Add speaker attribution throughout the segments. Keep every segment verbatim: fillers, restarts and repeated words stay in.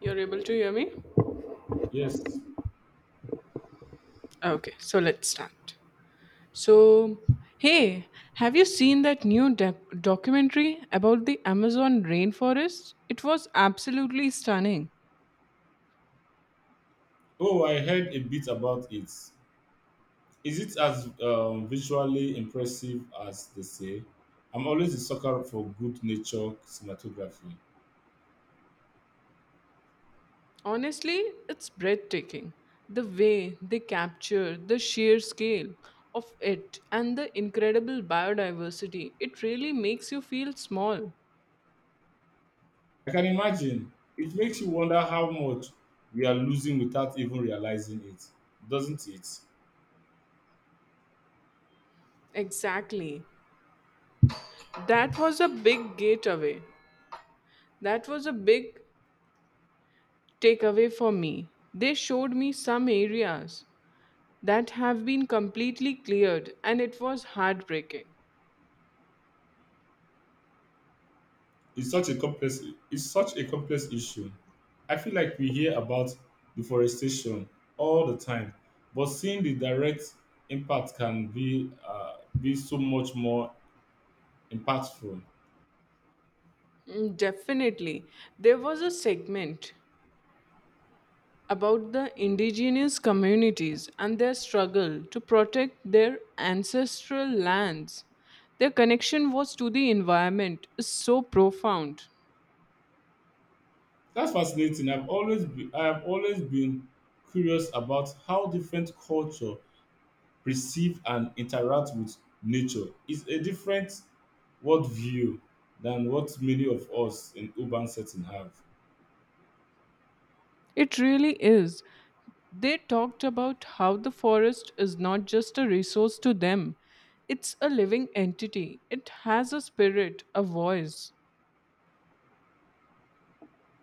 Speaker 1: You're able to hear me?
Speaker 2: Yes.
Speaker 1: Okay, so let's start. So, hey, have you seen that new de- documentary about the Amazon rainforest? It was absolutely stunning.
Speaker 2: Oh, I heard a bit about it. Is it as um, visually impressive as they say? I'm always a sucker for good nature cinematography.
Speaker 1: Honestly, it's breathtaking. The way they capture the sheer scale of it and the incredible biodiversity, it really makes you feel small.
Speaker 2: I can imagine. It makes you wonder how much we are losing without even realizing it, doesn't it?
Speaker 1: Exactly. That was a big gateway. That was a big takeaway for me. They showed me some areas that have been completely cleared, and it was heartbreaking.
Speaker 2: It's such a complex. It's such a complex issue. I feel like we hear about deforestation all the time, but seeing the direct impact can be uh, be so much more impactful.
Speaker 1: Mm, Definitely. There was a segment about the indigenous communities and their struggle to protect their ancestral lands. Their connection was to the environment is so profound.
Speaker 2: That's fascinating. I've always been, I have always been curious about how different culture perceive and interact with nature. It's a different worldview than what many of us in urban setting have.
Speaker 1: It really is. They talked about how the forest is not just a resource to them, it's a living entity. It has a spirit, a voice.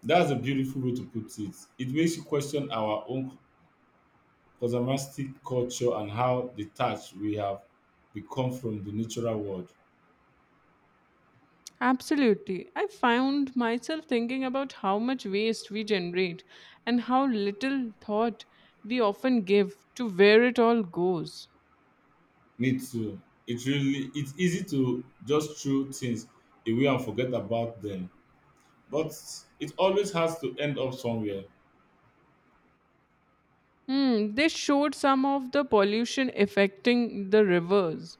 Speaker 2: That's a beautiful way to put it. It makes you question our own consumeristic culture and how detached we have become from the natural world.
Speaker 1: Absolutely. I found myself thinking about how much waste we generate and how little thought we often give to where it all goes.
Speaker 2: Me too. It really it's easy to just throw things away and forget about them. But it always has to end up somewhere.
Speaker 1: Hmm, they showed some of the pollution affecting the rivers.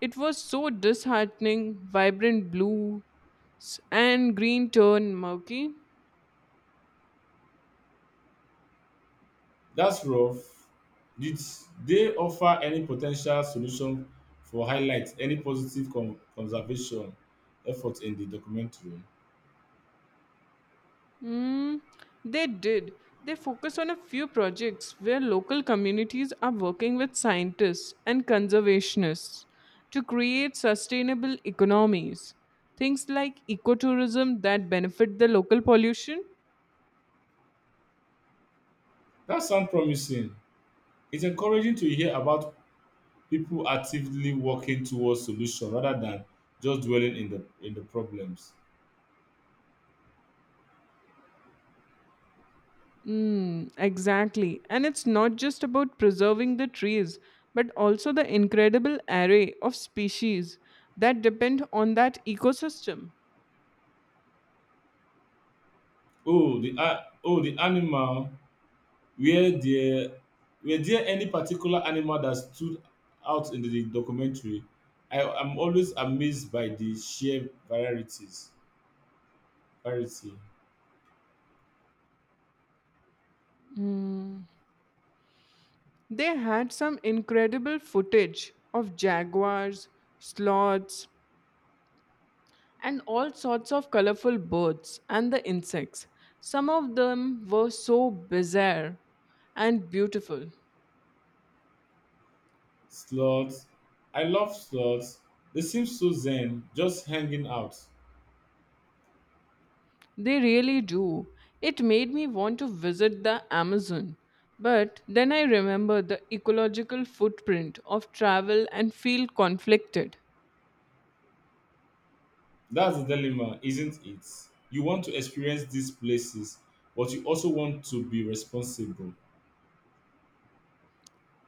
Speaker 1: It was so disheartening, vibrant blue, s- and green turn murky.
Speaker 2: That's rough. Did they offer any potential solution for highlights, any positive con- conservation effort in the documentary?
Speaker 1: Mm, they did. They focused on a few projects where local communities are working with scientists and conservationists to create sustainable economies. Things like ecotourism that benefit the local pollution.
Speaker 2: That sounds promising. It's encouraging to hear about people actively working towards solution rather than just dwelling in the in the problems.
Speaker 1: Mm, exactly. And it's not just about preserving the trees, but also the incredible array of species that depend on that ecosystem.
Speaker 2: Oh, the a- oh, the animal. Were there were there any particular animal that stood out in the documentary? I am always amazed by the sheer varieties variety.
Speaker 1: They had some incredible footage of jaguars, sloths, and all sorts of colorful birds and the insects. Some of them were so bizarre and beautiful.
Speaker 2: Sloths. I love sloths. They seem so zen, just hanging out.
Speaker 1: They really do. It made me want to visit the Amazon. But then I remember the ecological footprint of travel and feel conflicted.
Speaker 2: That's the dilemma, isn't it? You want to experience these places, but you also want to be responsible.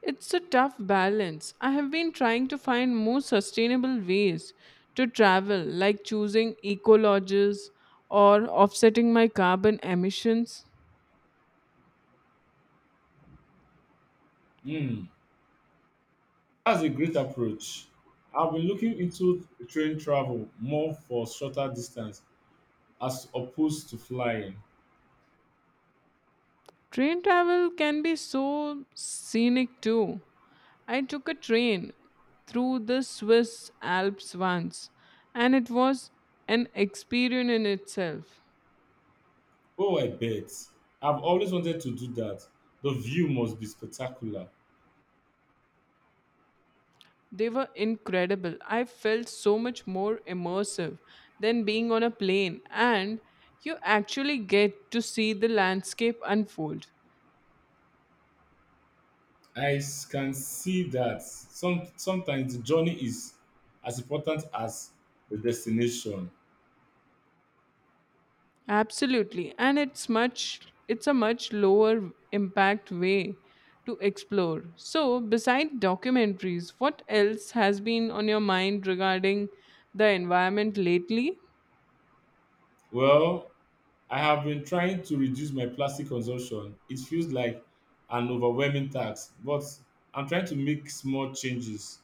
Speaker 1: It's a tough balance. I have been trying to find more sustainable ways to travel, like choosing eco lodges or offsetting my carbon emissions.
Speaker 2: Hmm, that's a great approach. I've been looking into train travel more for shorter distance as opposed to flying.
Speaker 1: Train travel can be so scenic too. I took a train through the Swiss Alps once, and it was an experience in itself.
Speaker 2: Oh, I bet. I've always wanted to do that. The view must be spectacular.
Speaker 1: They were incredible. I felt so much more immersive than being on a plane, and you actually get to see the landscape unfold.
Speaker 2: I s- can see that some, sometimes the journey is as important as the destination.
Speaker 1: Absolutely, and it's much it's a much lower impact way to explore. So, beside documentaries, what else has been on your mind regarding the environment lately?
Speaker 2: Well, I have been trying to reduce my plastic consumption. It feels like an overwhelming task, but I'm trying to make small changes.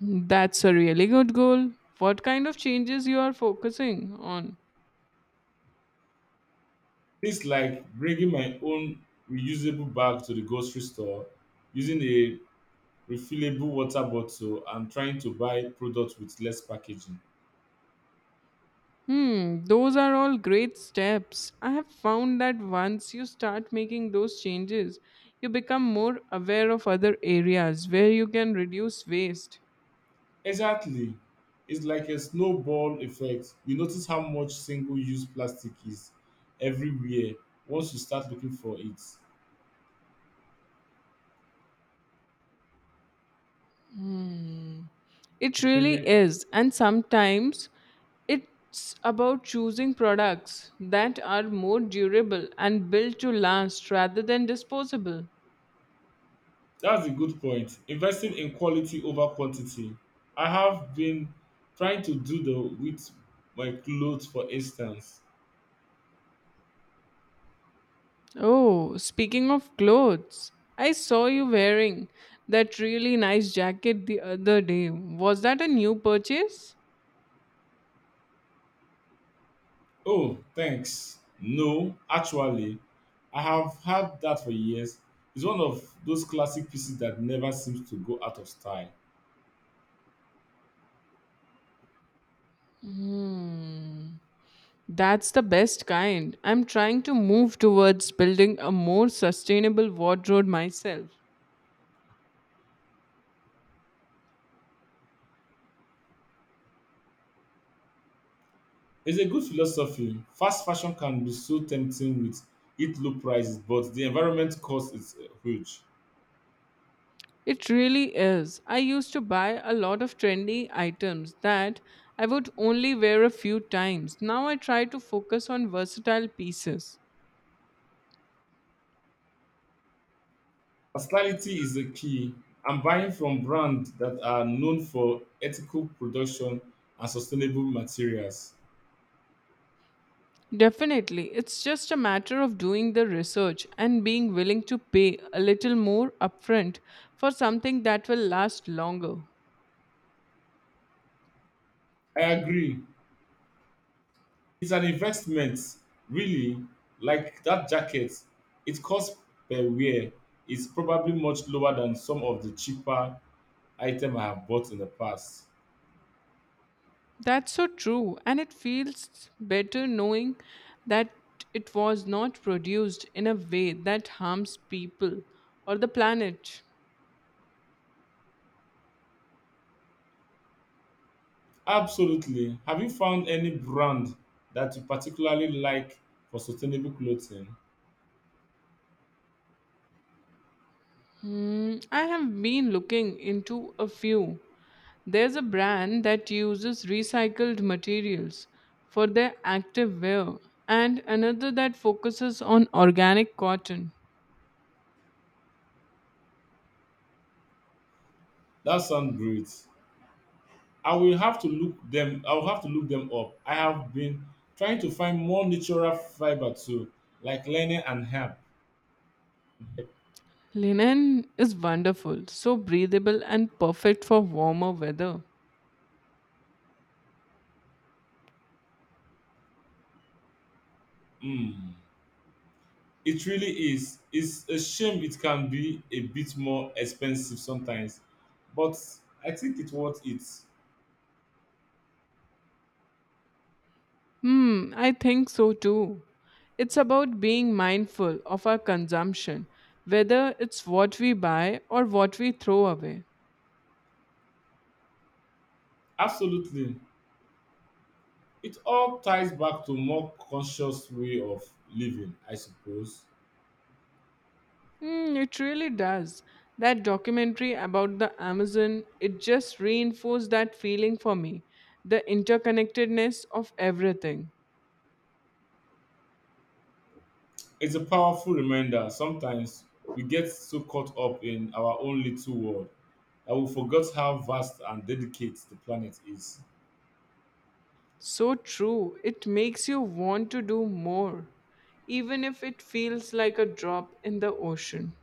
Speaker 1: That's a really good goal. What kind of changes you are focusing on?
Speaker 2: Things like bringing my own reusable bag to the grocery store, using a refillable water bottle and trying to buy products with less packaging.
Speaker 1: Hmm, those are all great steps. I have found that once you start making those changes, you become more aware of other areas where you can reduce waste.
Speaker 2: Exactly. It's like a snowball effect. You notice how much single use plastic is everywhere once you start looking for it.
Speaker 1: It
Speaker 2: It
Speaker 1: really
Speaker 2: really
Speaker 1: is, and sometimes it's about choosing products that are more durable and built to last rather than disposable.
Speaker 2: that's a good point. Investing in quality over quantity. I have been trying to do the with my clothes for instance.
Speaker 1: Oh, speaking of clothes, I saw you wearing that really nice jacket the other day. Was that a new purchase?
Speaker 2: Oh, thanks. No, actually, I have had that for years. It's one of those classic pieces that never seems to go out of style.
Speaker 1: Hmm. That's the best kind. I'm trying to move towards building a more sustainable wardrobe myself.
Speaker 2: It's a good philosophy. Fast fashion can be so tempting with its low prices, but the environment cost is uh, huge.
Speaker 1: It really is. I used to buy a lot of trendy items that I would only wear a few times. Now I try to focus on versatile pieces.
Speaker 2: Versatility is the key. I'm buying from brands that are known for ethical production and sustainable materials.
Speaker 1: Definitely, it's just a matter of doing the research and being willing to pay a little more upfront for something that will last longer.
Speaker 2: I agree. It's an investment, really. Like that jacket, its cost per wear is probably much lower than some of the cheaper items I have bought in the past.
Speaker 1: That's so true, and it feels better knowing that it was not produced in a way that harms people or the planet.
Speaker 2: Absolutely. Have you found any brand that you particularly like for sustainable clothing?
Speaker 1: Hmm, I have been looking into a few. There's a brand that uses recycled materials for their active wear, and another that focuses on organic cotton.
Speaker 2: That sounds great. I will have to look them. I will have to look them up. I have been trying to find more natural fiber too, like linen and hemp.
Speaker 1: Linen is wonderful, so breathable and perfect for warmer weather.
Speaker 2: Hmm. It really is. It's a shame it can be a bit more expensive sometimes, but I think it's worth it.
Speaker 1: Hmm, I think so too. It's about being mindful of our consumption, whether it's what we buy or what we throw away.
Speaker 2: Absolutely. It all ties back to more conscious way of living, I suppose.
Speaker 1: Hmm, it really does. That documentary about the Amazon, it just reinforced that feeling for me the interconnectedness of everything.
Speaker 2: It's a powerful reminder. Sometimes we get so caught up in our own little world that we forget how vast and delicate the planet is.
Speaker 1: So true, it makes you want to do more, even if it feels like a drop in the ocean.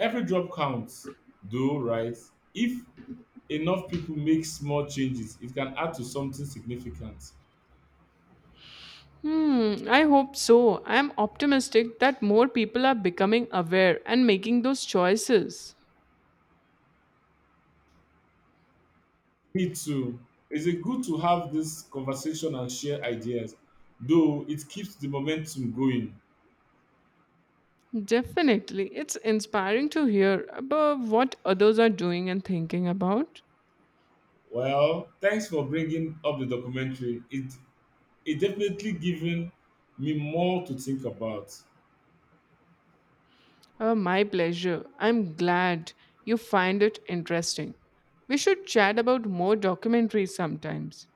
Speaker 2: Every drop counts, though, right? If enough people make small changes, it can add to something significant.
Speaker 1: Hmm, I hope so. I am optimistic that more people are becoming aware and making those choices.
Speaker 2: Me too. Is it good to have this conversation and share ideas, though it keeps the momentum going.
Speaker 1: Definitely. It's inspiring to hear about what others are doing and thinking about.
Speaker 2: Well, thanks for bringing up the documentary. It it definitely given me more to think about.
Speaker 1: Uh, my pleasure. I'm glad you find it interesting. We should chat about more documentaries sometimes.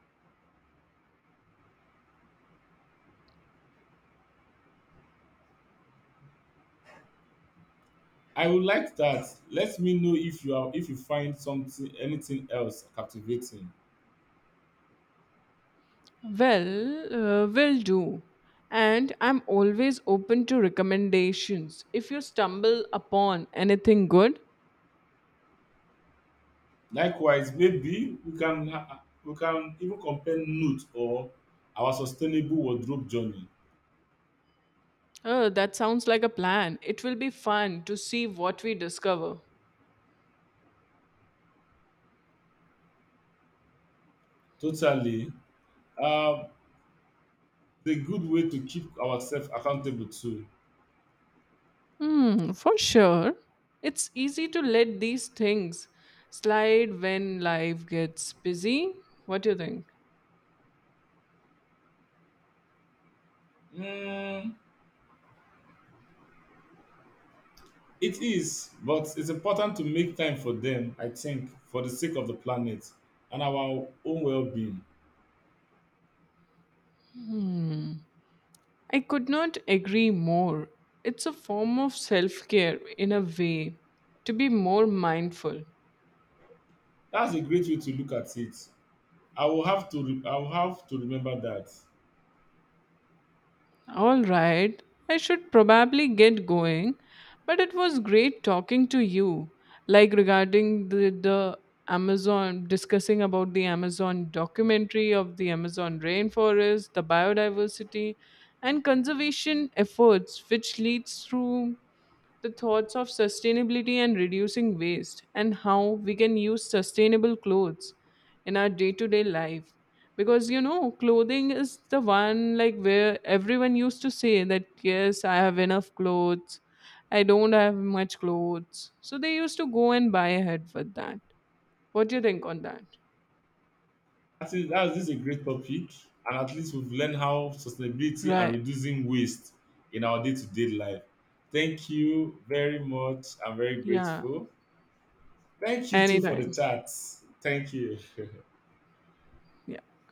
Speaker 2: I would like that. Let me know if you are if you find something anything else captivating.
Speaker 1: Well, uh, will do. And I'm always open to recommendations. If you stumble upon anything good.
Speaker 2: Likewise, maybe we can uh, we can even compare notes or our sustainable wardrobe journey.
Speaker 1: Oh, that sounds like a plan. It will be fun to see what we discover.
Speaker 2: Totally, uh, the good way to keep ourselves accountable too.
Speaker 1: Hmm, for sure. It's easy to let these things slide when life gets busy. What do you think?
Speaker 2: Mm, it is, but it's important to make time for them. I think for the sake of the planet and our own well-being.
Speaker 1: I could not agree more. It's a form of self care in a way to be more mindful.
Speaker 2: That's a great way to look at it. I will have to re- I will have to remember that.
Speaker 1: All right, I should probably get going, but it was great talking to you, like regarding the, the Amazon, discussing about the Amazon documentary of the Amazon rainforest, the biodiversity, and conservation efforts, which leads through the thoughts of sustainability and reducing waste and how we can use sustainable clothes in our day-to-day life because you know clothing is the one like where everyone used to say that yes I have enough clothes, I don't have much clothes, so they used to go and buy ahead with that. What do you think on that?
Speaker 2: That is, that this is a great topic, and at least we've learned how sustainability and
Speaker 1: Right.
Speaker 2: reducing waste in our day-to-day life. Thank you very much. I'm very
Speaker 1: Yeah,
Speaker 2: grateful. Thank you too for the
Speaker 1: anytime.
Speaker 2: chat. Thank you.
Speaker 1: Yeah.